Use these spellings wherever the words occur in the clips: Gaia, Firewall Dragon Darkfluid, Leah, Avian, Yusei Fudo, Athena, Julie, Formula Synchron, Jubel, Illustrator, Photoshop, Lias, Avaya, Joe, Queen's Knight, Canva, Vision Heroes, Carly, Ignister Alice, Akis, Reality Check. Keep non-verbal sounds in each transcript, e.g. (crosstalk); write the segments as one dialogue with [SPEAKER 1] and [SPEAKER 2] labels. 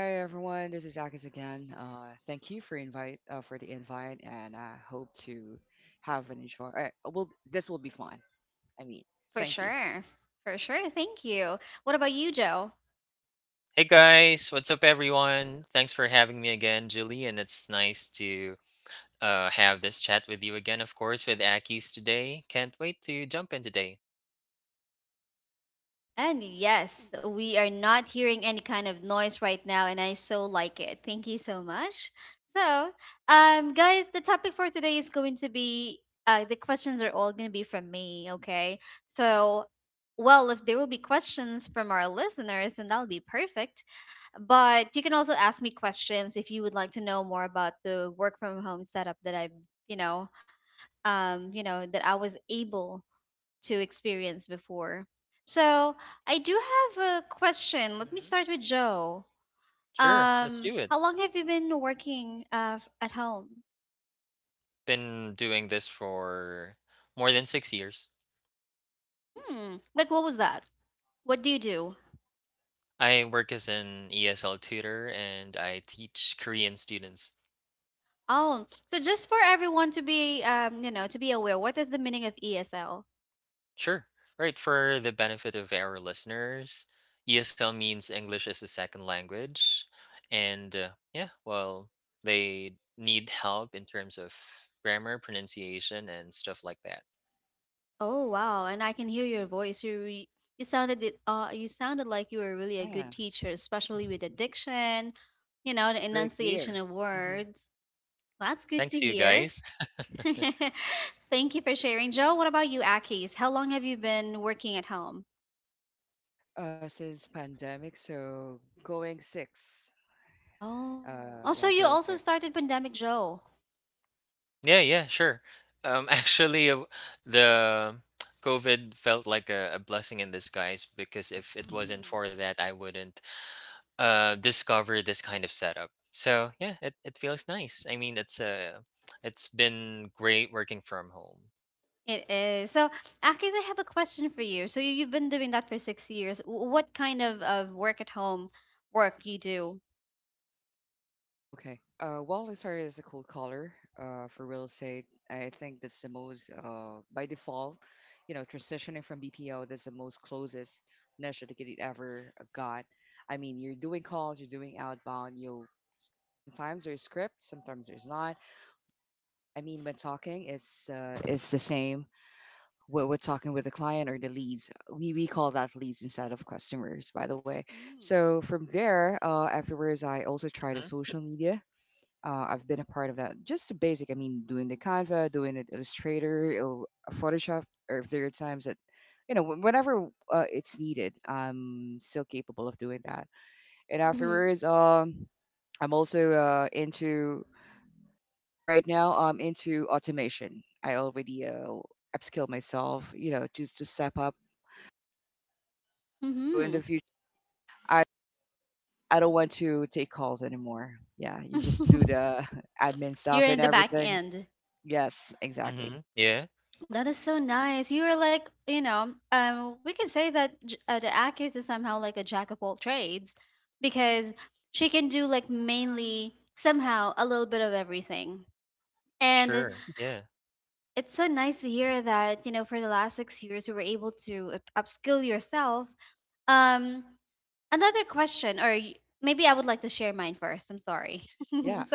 [SPEAKER 1] Hi everyone, this is Akis again. Thank you for invite for the invite, and I hope to have an enjoy. Well, this will be fun. I mean, thank you. Yeah. (laughs) Very clear. Hmm. Since pandemic, so going six. Yeah, going six. Uh, Oh, okay. Well, Lizard is a cool color for real estate. I think that's the most by default, you know, transitioning from BPO, that's the most closest niche that it ever got. I mean, you're doing calls, you're doing outbound, you sometimes there's script, sometimes there's not. I mean, when talking, it's the same. We're talking with the client or the leads. We call that leads instead of customers, by the way. So from there, afterwards, I also tried the social media. I've been a part of that. Just the basic. I mean, doing the Canva, doing it Illustrator, or Photoshop, or if there are times that, whenever it's needed, I'm still capable of doing that. And afterwards, I'm also into, right now, I'm into automation. I already upskill myself, you know, to step up. So in the future, I, I don't want to take calls anymore. Yeah, you just do the (laughs) admin stuff and everything. Yes, exactly. Yeah.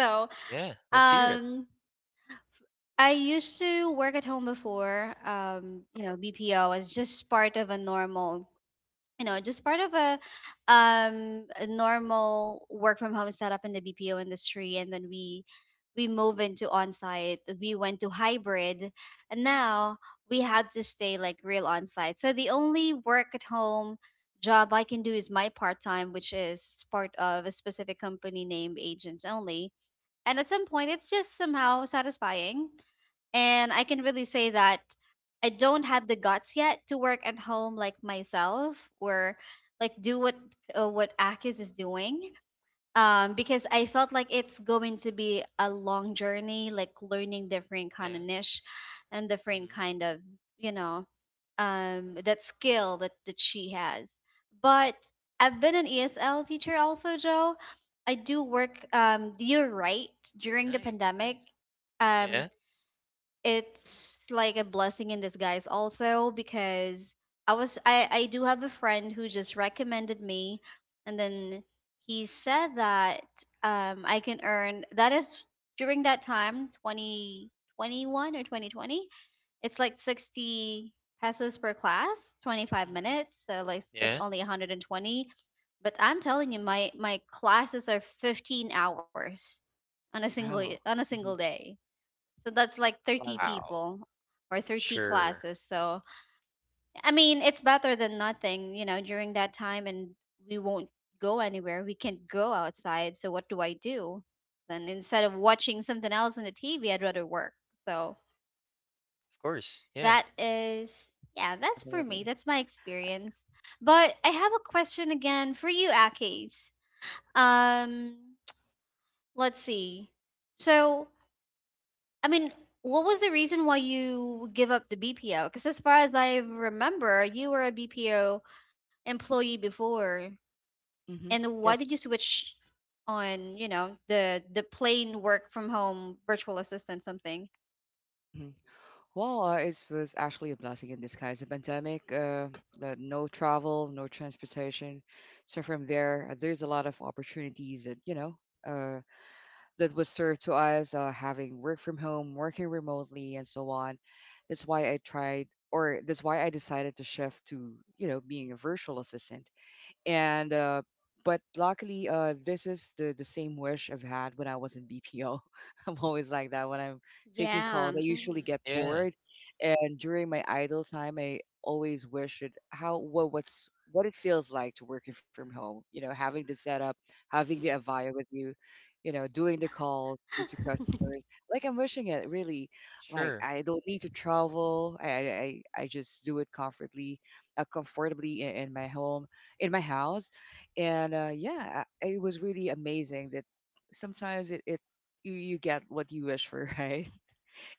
[SPEAKER 1] Wow. Mhm. I loved it. Definitely. Hmm. Yes. Hmm. Well, it was actually a blessing in disguise. The pandemic, the no travel, no transportation. So from there, there's a lot of opportunities that you know uh, that was served to us, having work from home, working remotely, and so on. That's why I tried, or that's why I decided to shift to, you know, being a virtual assistant. And But luckily, this is the same wish I've had when I was in BPO. (laughs) I'm always like that. When I'm taking calls, I usually get bored, and during my idle time, I always wish it how what's what it feels like to working from home, you know, having the setup, having the Avaya with you, you know, doing the calls to customers. Like, I'm wishing it really. Like, I don't need to travel. I just do it comfortably, comfortably in my home, in my house. And yeah, it was really amazing that sometimes it you, you get what you wish for. (laughs) Right?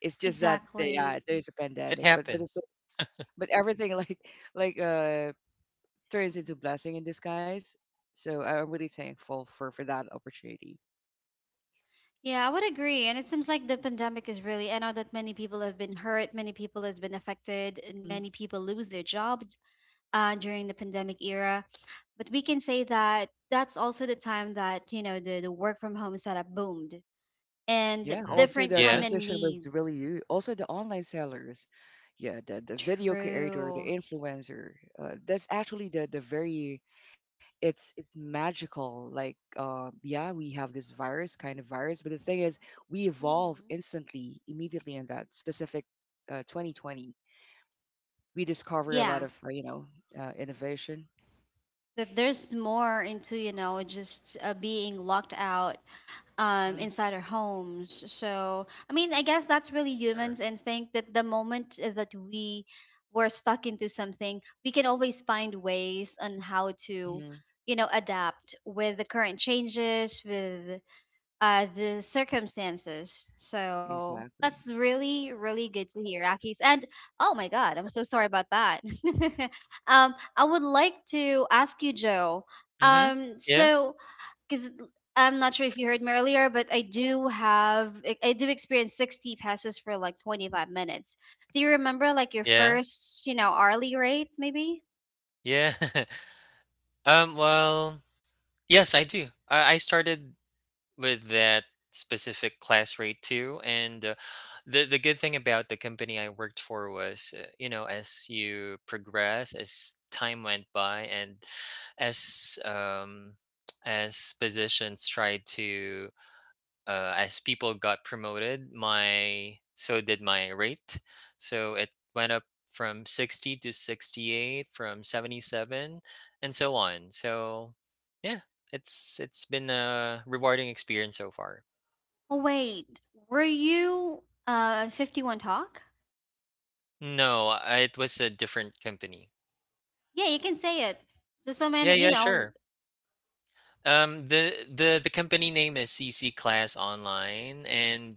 [SPEAKER 1] It's just that yeah, there's a pandemic, but but everything (laughs) like, like uh turns into blessing in disguise. So I'm really thankful for that opportunity. Hmm. Yeah, also the transition was really also the online sellers, yeah, the video creator, the influencer. That's actually the very, it's magical. Yeah, we have this virus, kind of virus, but the thing is we evolve instantly, immediately in that specific 2020. We discover a lot of, innovation. Mm-hmm. Mm-hmm. Exactly.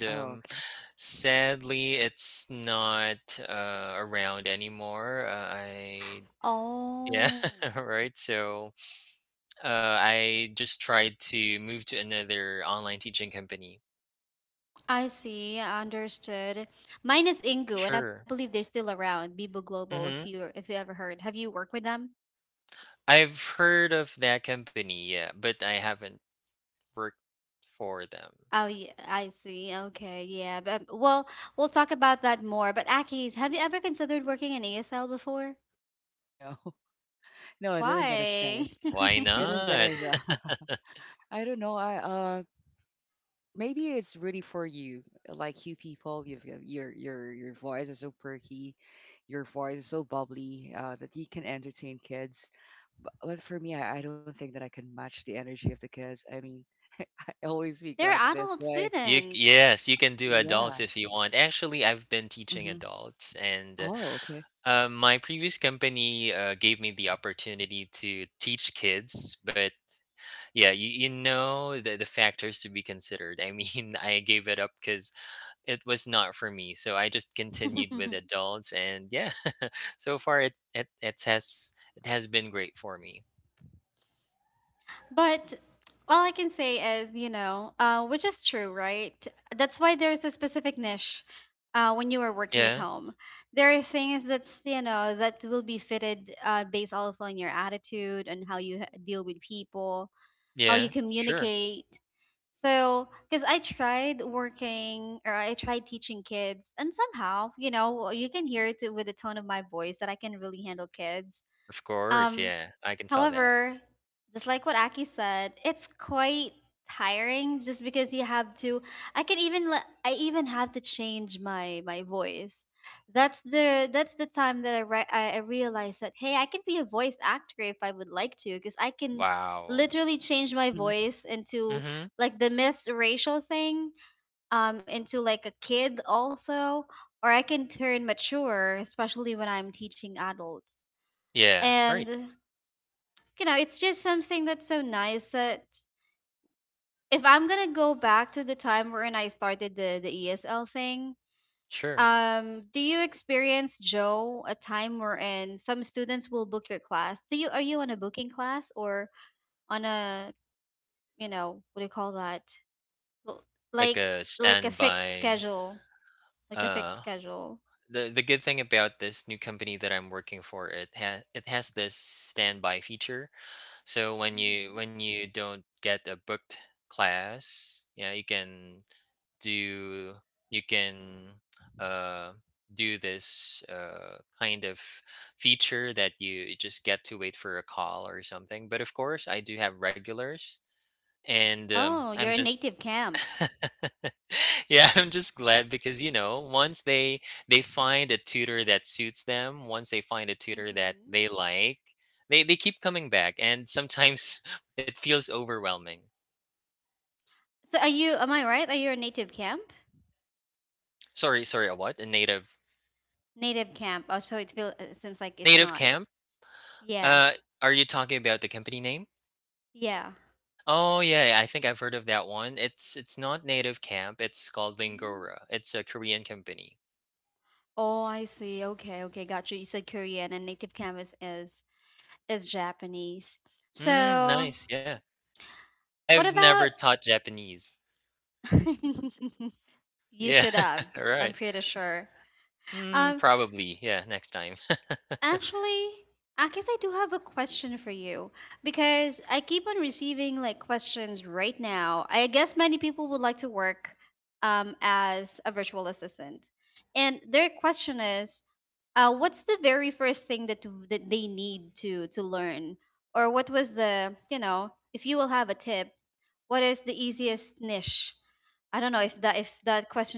[SPEAKER 1] Oh, okay. No. (laughs) No, I didn't get a chance. I didn't get a (laughs) I don't know. I Maybe it's really for you. Like, your your voice is so perky, your voice is so bubbly, that you can entertain kids. Bu But for me, I don't think that I can match the energy of the kids. I mean, (laughs) I always speak like this way. Yeah. Hmm. Oh, okay. Hmm.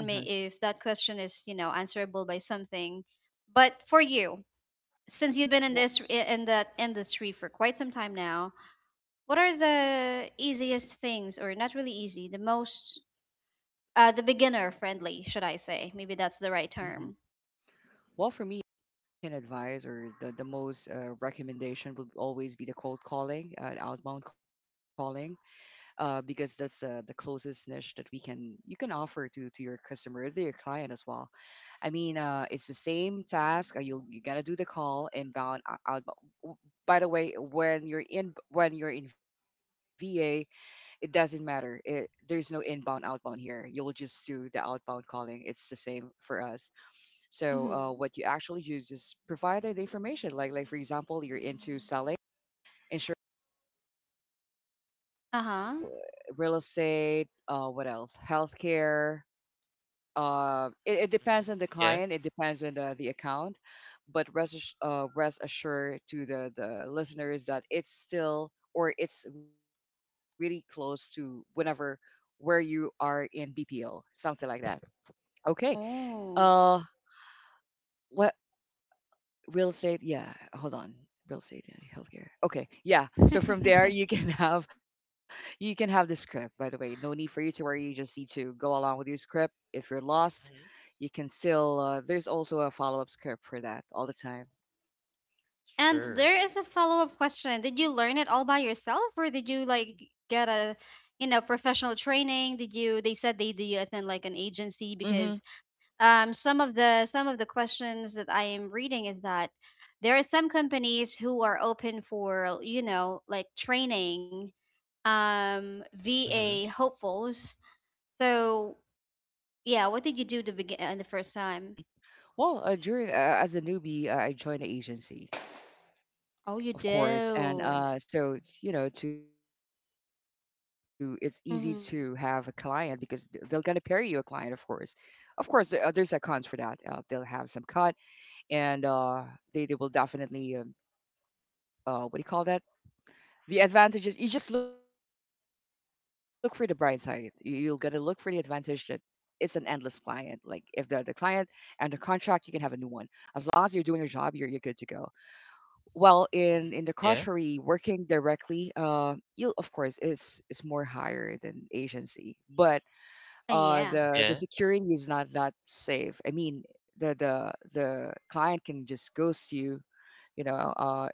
[SPEAKER 1] Uh-huh. Well, hmm, well, for me, I can advise, or the most recommendation would always be the cold calling, outbound calling, because that's the closest niche that we can you can offer to your customer, to your client as well. I mean, it's the same task. You, you gotta do the call inbound, outbound. By the way, when you're in, when you're in VA, it doesn't matter. It, there's no inbound, outbound here. You'll just do the outbound calling. It's the same for us. So, what you actually use is provide the information. Like for example, you're into selling insurance, if you want to, real estate, what else, healthcare. It, it depends on the client. It depends on the account. But rest rest assured to the listeners that it's still, or it's really close to whenever where you are in BPO, something like that. Okay. uh what? Real estate, yeah, hold on. Real estate and healthcare, okay. Yeah, so from there you can (laughs) have, you can have the script, by the way. No need for you to worry. You just need to go along with your script. If you're lost, you can still, there's also a follow-up script for that all the time. Hmm. Hmm. well during As a newbie, I joined the agency, of course, and so, you know, to, it's easy to have a client because they're gonna pay you a client, of course. Of course, there's cons for that. They'll have some cut, and they will definitely what do you call that, the advantages. You just look for the bright side. You'll gotta look for the advantage that it's an endless client. Like, if the client and the contract, you can have a new one. As long as you're doing your job, you're good to go. Well, in the contrary, working directly, you, of course, it's more higher than agency, but the security is not that safe. I mean, the client can just ghost you, you know,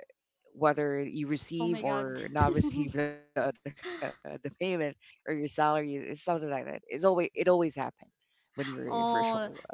[SPEAKER 1] whether you receive or not (laughs) receive the (laughs) the payment, or your salary, is something like that. It always happens when you're a virtual assistant.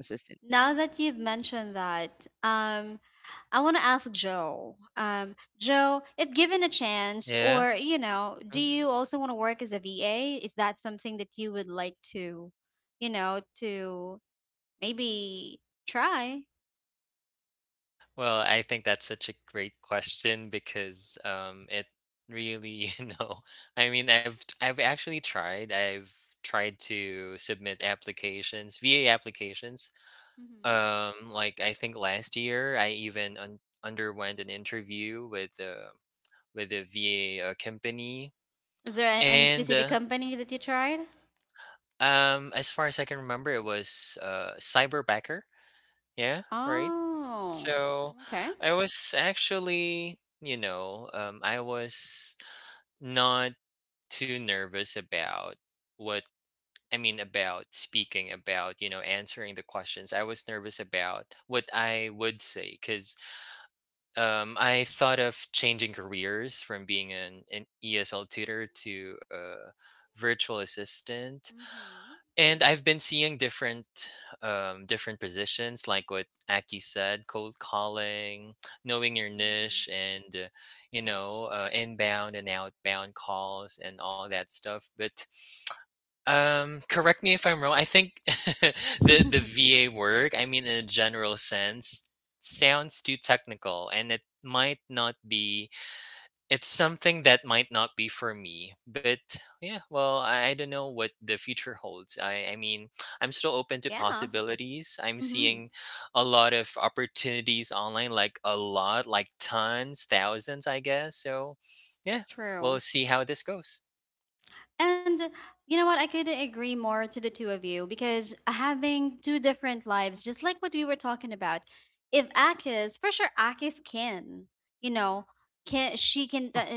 [SPEAKER 1] (laughs)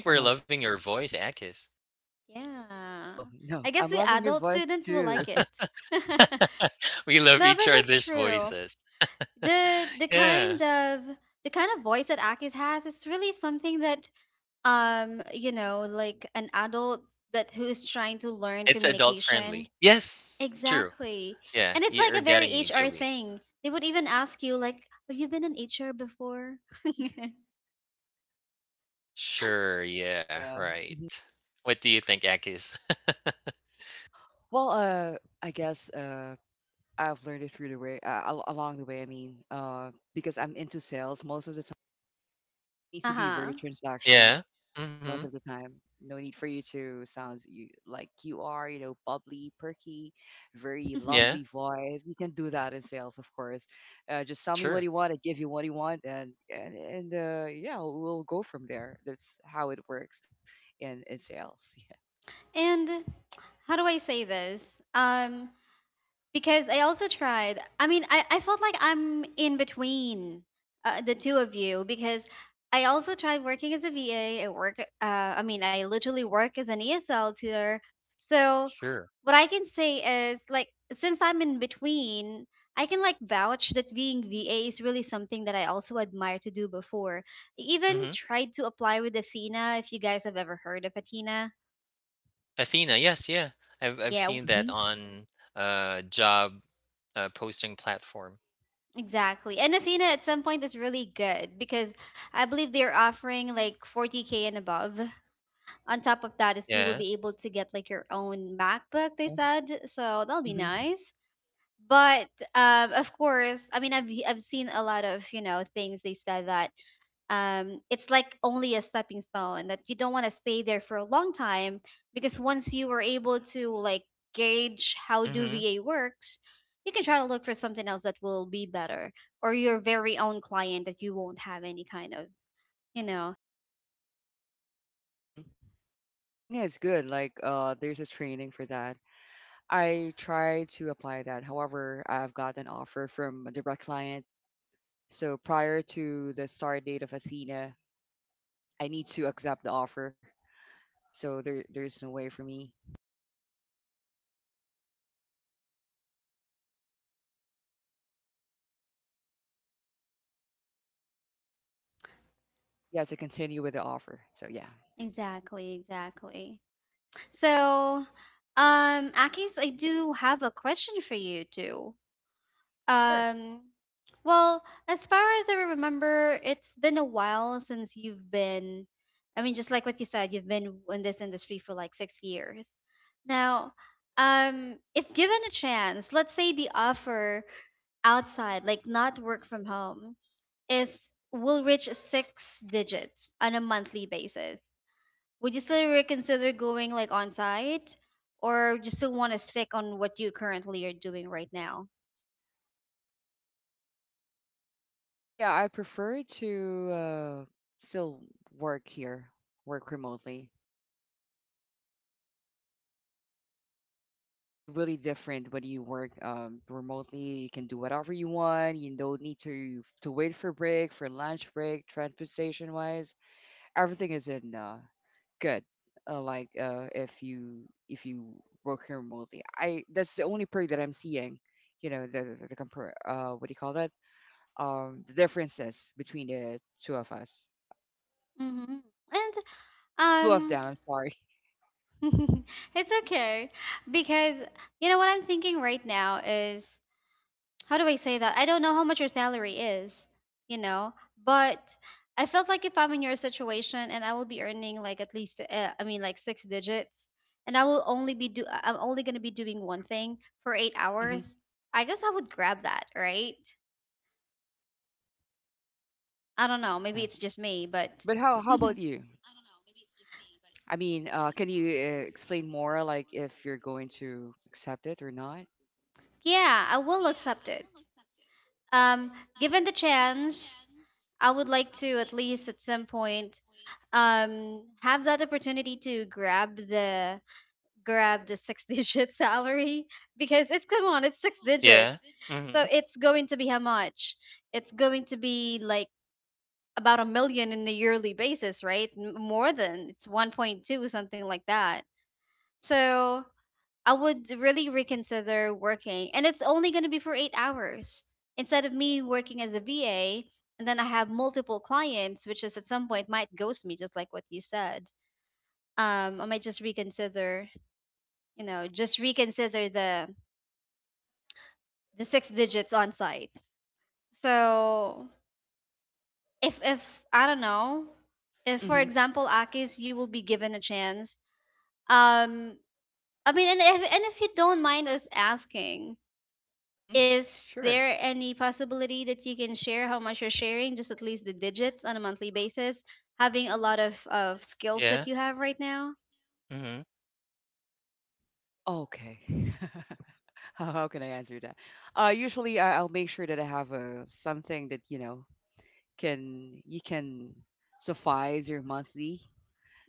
[SPEAKER 1] uh Oh no, I'm loving your voice too. (laughs) Yeah. Mm-hmm. Well, I guess, I've learned it through the way, along the way. I mean, because I'm into sales most of the time, you need to be very transactional most of the time. No need for you to sound like you are, you know, bubbly, perky, very lovely voice. You can do that in sales, of course. Just tell me what you want, I give you what you want, and yeah, we'll go from there. That's how it works in sales. (laughs) Yeah. Yes. Mm-hmm. Uh-huh. Mm-hmm. Mm-hmm. Athena is good. Like, there's a training for that. I tried to apply that. However, I've got an offer from a direct client. So prior to the start date of Athena, I need to accept the offer. So there, there's no way for me, yeah, to continue with the offer. So yeah,
[SPEAKER 2] Exactly, exactly. So, Akis, I do have a question for you too.
[SPEAKER 1] sure.
[SPEAKER 2] Um, well, as far as I remember, it's been a while since you've been, I mean, just like what you said, you've been in this industry for like 6 years. Now, if given a chance, let's say the offer outside, like not work from home, is will reach six digits on a monthly basis, would you still reconsider going like on site, or would you still want to stick on what you currently are doing right now?
[SPEAKER 1] Me, yeah, I prefer to, still work here, work remotely. It really different when you work, remotely. You can do whatever you want. You don't need to wait for break, for lunch break, transportation wise. Everything is in, good. If you, if you work here remotely, I that's the only perk that I'm seeing. You know the what do you call that? The differences between the two of us,
[SPEAKER 2] Hmm. And
[SPEAKER 1] two of
[SPEAKER 2] um
[SPEAKER 1] them. I'm sorry.
[SPEAKER 2] (laughs) it's okay, because you know what I'm thinking right now is, how do I say that? I don't know how much your salary is, you know, but I felt like if I'm in your situation and I will be earning like at least I mean like six digits, and I will only be do I'm only going to be doing one thing for 8
[SPEAKER 1] (laughs) Hmm.
[SPEAKER 2] hours. I guess I would grab that, right? I don't know, maybe
[SPEAKER 1] Yeah.
[SPEAKER 2] it's just me, but
[SPEAKER 1] But how about you? I mean, can you explain more, like if you're going to accept it or not?
[SPEAKER 2] (laughs) yeah, I will accept it. Um, Given the chance, I would like to at least at some point have that opportunity to grab the six (laughs) digit salary, because it's, come on, it's six
[SPEAKER 3] Yeah.
[SPEAKER 2] digits.
[SPEAKER 3] Mhm.
[SPEAKER 2] So it's going to be how much? It's going to be like about a million in the yearly basis, right? More than, it's 1.2, something like that. So I would really reconsider working. And it's only going to be for 8 hours instead of me working as a VA. And then I have multiple clients, which is at some point might ghost me, just like what you said. I might just reconsider, you know, just reconsider the six digits on site. So if I don't know, if for
[SPEAKER 1] Mm-hmm.
[SPEAKER 2] example, Akis, you will be given a chance. Um, I mean, and if you don't mind us asking,
[SPEAKER 1] Mm-hmm.
[SPEAKER 2] is
[SPEAKER 1] Sure.
[SPEAKER 2] there any possibility that you can share how much you're sharing, just at least the digits on a monthly basis, having a lot of skills
[SPEAKER 3] Yeah.
[SPEAKER 2] that you have right now?
[SPEAKER 3] Mhm.
[SPEAKER 1] Okay. (laughs) How can I answer that? Usually, I'll make sure that I have a something that, you know, can you can suffice your monthly.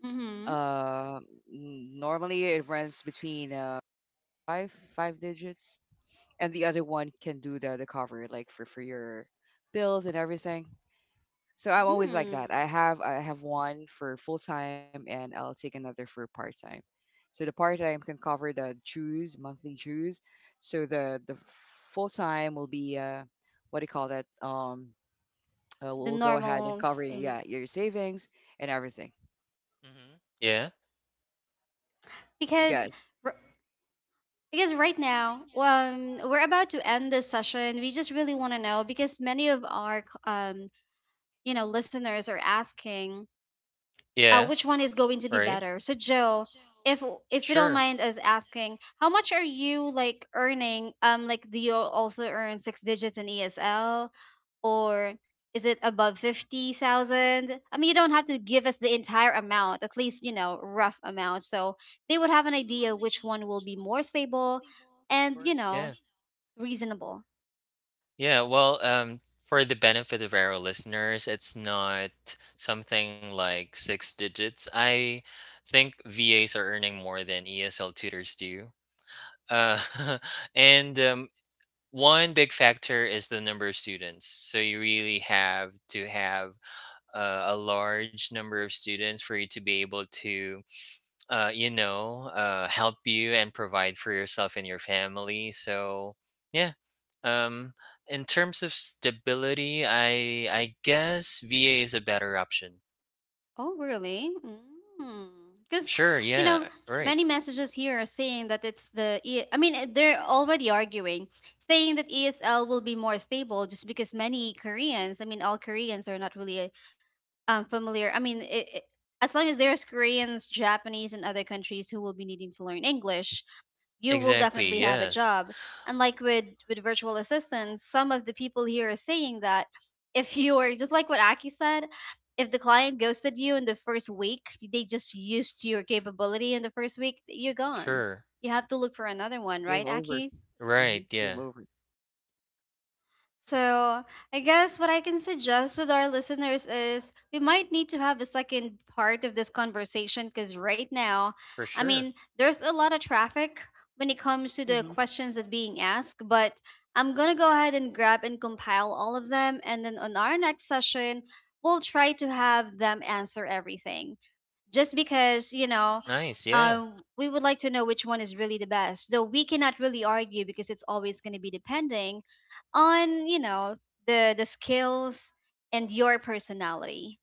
[SPEAKER 2] Mm-hmm.
[SPEAKER 1] Uh, Normally it runs between five digits, and the other one can do the cover, like for your bills and everything. So I'm always like that.
[SPEAKER 2] Mm.
[SPEAKER 1] I have one for full time and I'll take another for part time. So the part time can cover the dues, monthly dues. So the full time will be, what do you call that?
[SPEAKER 2] The
[SPEAKER 1] We'll go ahead and
[SPEAKER 2] normal
[SPEAKER 1] cover, yeah,
[SPEAKER 2] things.
[SPEAKER 1] your savings and everything.
[SPEAKER 3] Mhm. Yeah.
[SPEAKER 1] What do you
[SPEAKER 2] Because
[SPEAKER 1] guys?
[SPEAKER 2] r- because right now, we're about to end this session. We just really want to know because many of our you know, listeners are asking
[SPEAKER 3] Yeah.
[SPEAKER 2] which one is going to be
[SPEAKER 3] Right.
[SPEAKER 2] better. So Joe, if if you don't
[SPEAKER 3] Sure.
[SPEAKER 2] mind us asking, how much are you like earning? Like do you also earn six digits in ESL, or is it above 50,000? I mean, you don't have to give us the entire amount, at least you know rough amount, so they would have an idea which one will be more stable,
[SPEAKER 3] Of
[SPEAKER 2] and you
[SPEAKER 3] course.
[SPEAKER 2] know,
[SPEAKER 3] Yeah.
[SPEAKER 2] reasonable.
[SPEAKER 3] Yeah, well, for the benefit of our listeners, it's not something like six digits. I think VAs are earning more than ESL tutors do. Uh, (laughs) and One big factor is the number of students. So you really have to have a large number of students for you to be able to help you and provide for yourself and your family. So yeah, um, in terms of stability, I guess VA is a better option.
[SPEAKER 2] Oh, really? Mm. Because,
[SPEAKER 3] Sure.
[SPEAKER 2] you know,
[SPEAKER 3] Yeah. Right.
[SPEAKER 2] many messages here are saying that it's the, E- I mean, eh, they're already arguing, saying that ESL will be more stable just because many Koreans, I mean, all Koreans are not really familiar. As long as there's Koreans, Japanese, and other countries who will be needing to learn English, you will
[SPEAKER 3] Exactly.
[SPEAKER 2] definitely have a
[SPEAKER 3] Yes.
[SPEAKER 2] job. And like with virtual assistants, some of the people here are saying that if (laughs) you are just like what Aki said, if the client ghosted you in the first week, they just used your capability in the first week, you're gone.
[SPEAKER 3] Sure.
[SPEAKER 2] You have to look for another
[SPEAKER 1] Yep.
[SPEAKER 2] one,
[SPEAKER 1] Game
[SPEAKER 2] right,
[SPEAKER 1] over.
[SPEAKER 2] Aki?
[SPEAKER 3] Right.
[SPEAKER 1] Mhm. Game
[SPEAKER 3] Yeah.
[SPEAKER 1] over.
[SPEAKER 2] So, I guess what I can suggest with our listeners is we might need to have a second part of this conversation because right now,
[SPEAKER 3] For
[SPEAKER 2] I
[SPEAKER 3] sure.
[SPEAKER 2] mean, there's a lot of traffic when it comes to the
[SPEAKER 1] Mm-hmm.
[SPEAKER 2] questions that being asked, but I'm going to go ahead and grab and compile all of them, and then on our next session, we'll try to have them answer everything just because you know,
[SPEAKER 3] Nice. Yeah.
[SPEAKER 2] we would like to know which one is really the best, though we cannot really argue because it's always going to be depending on, you know, the skills and your personality.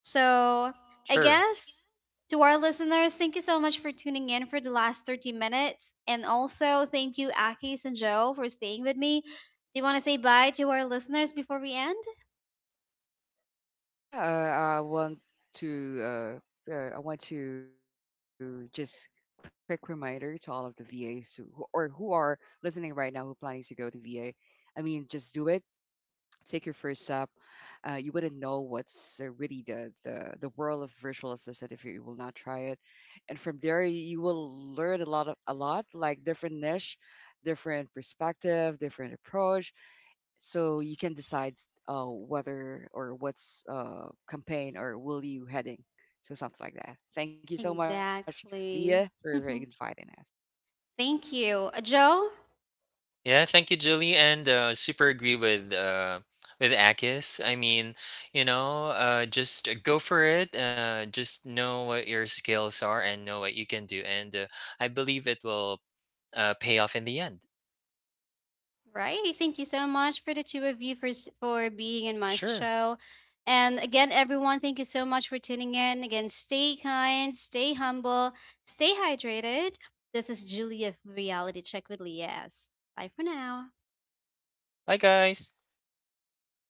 [SPEAKER 2] So I
[SPEAKER 3] Sure.
[SPEAKER 2] guess, to our listeners, thank you so much for tuning in for the last 30 minutes, and also thank you Akis and Joe for staying with me. Do you want to say bye to our listeners before we end?
[SPEAKER 1] Yeah, I want to, I want to just quick reminder to all of the VAs who, or who are listening right now, who planning to go to VA. I mean, just do it. Take your first step. You wouldn't know what's really the world of virtual assistant if you will not try it. And from there, you will learn a lot of a lot, like different niche, different perspective, different approach, so you can decide whether or what's campaign or will you heading. So something like that. Thank you so much,
[SPEAKER 2] Exactly. (laughs)
[SPEAKER 1] Leah, for inviting us.
[SPEAKER 2] Thank you. Joe,
[SPEAKER 3] Yeah, thank you, Julie, and super agree with Akis. Just go for it. Just know what your skills are and know what you can do, and I believe it will pay off in the end.
[SPEAKER 2] right. Thank you so much for the two of you for for being in my
[SPEAKER 3] Sure.
[SPEAKER 2] show. And again, everyone, thank you so much for tuning in. Again, stay kind, stay humble, stay hydrated. This is Julie of Reality Check with Lias. Bye for now.
[SPEAKER 3] Bye, guys.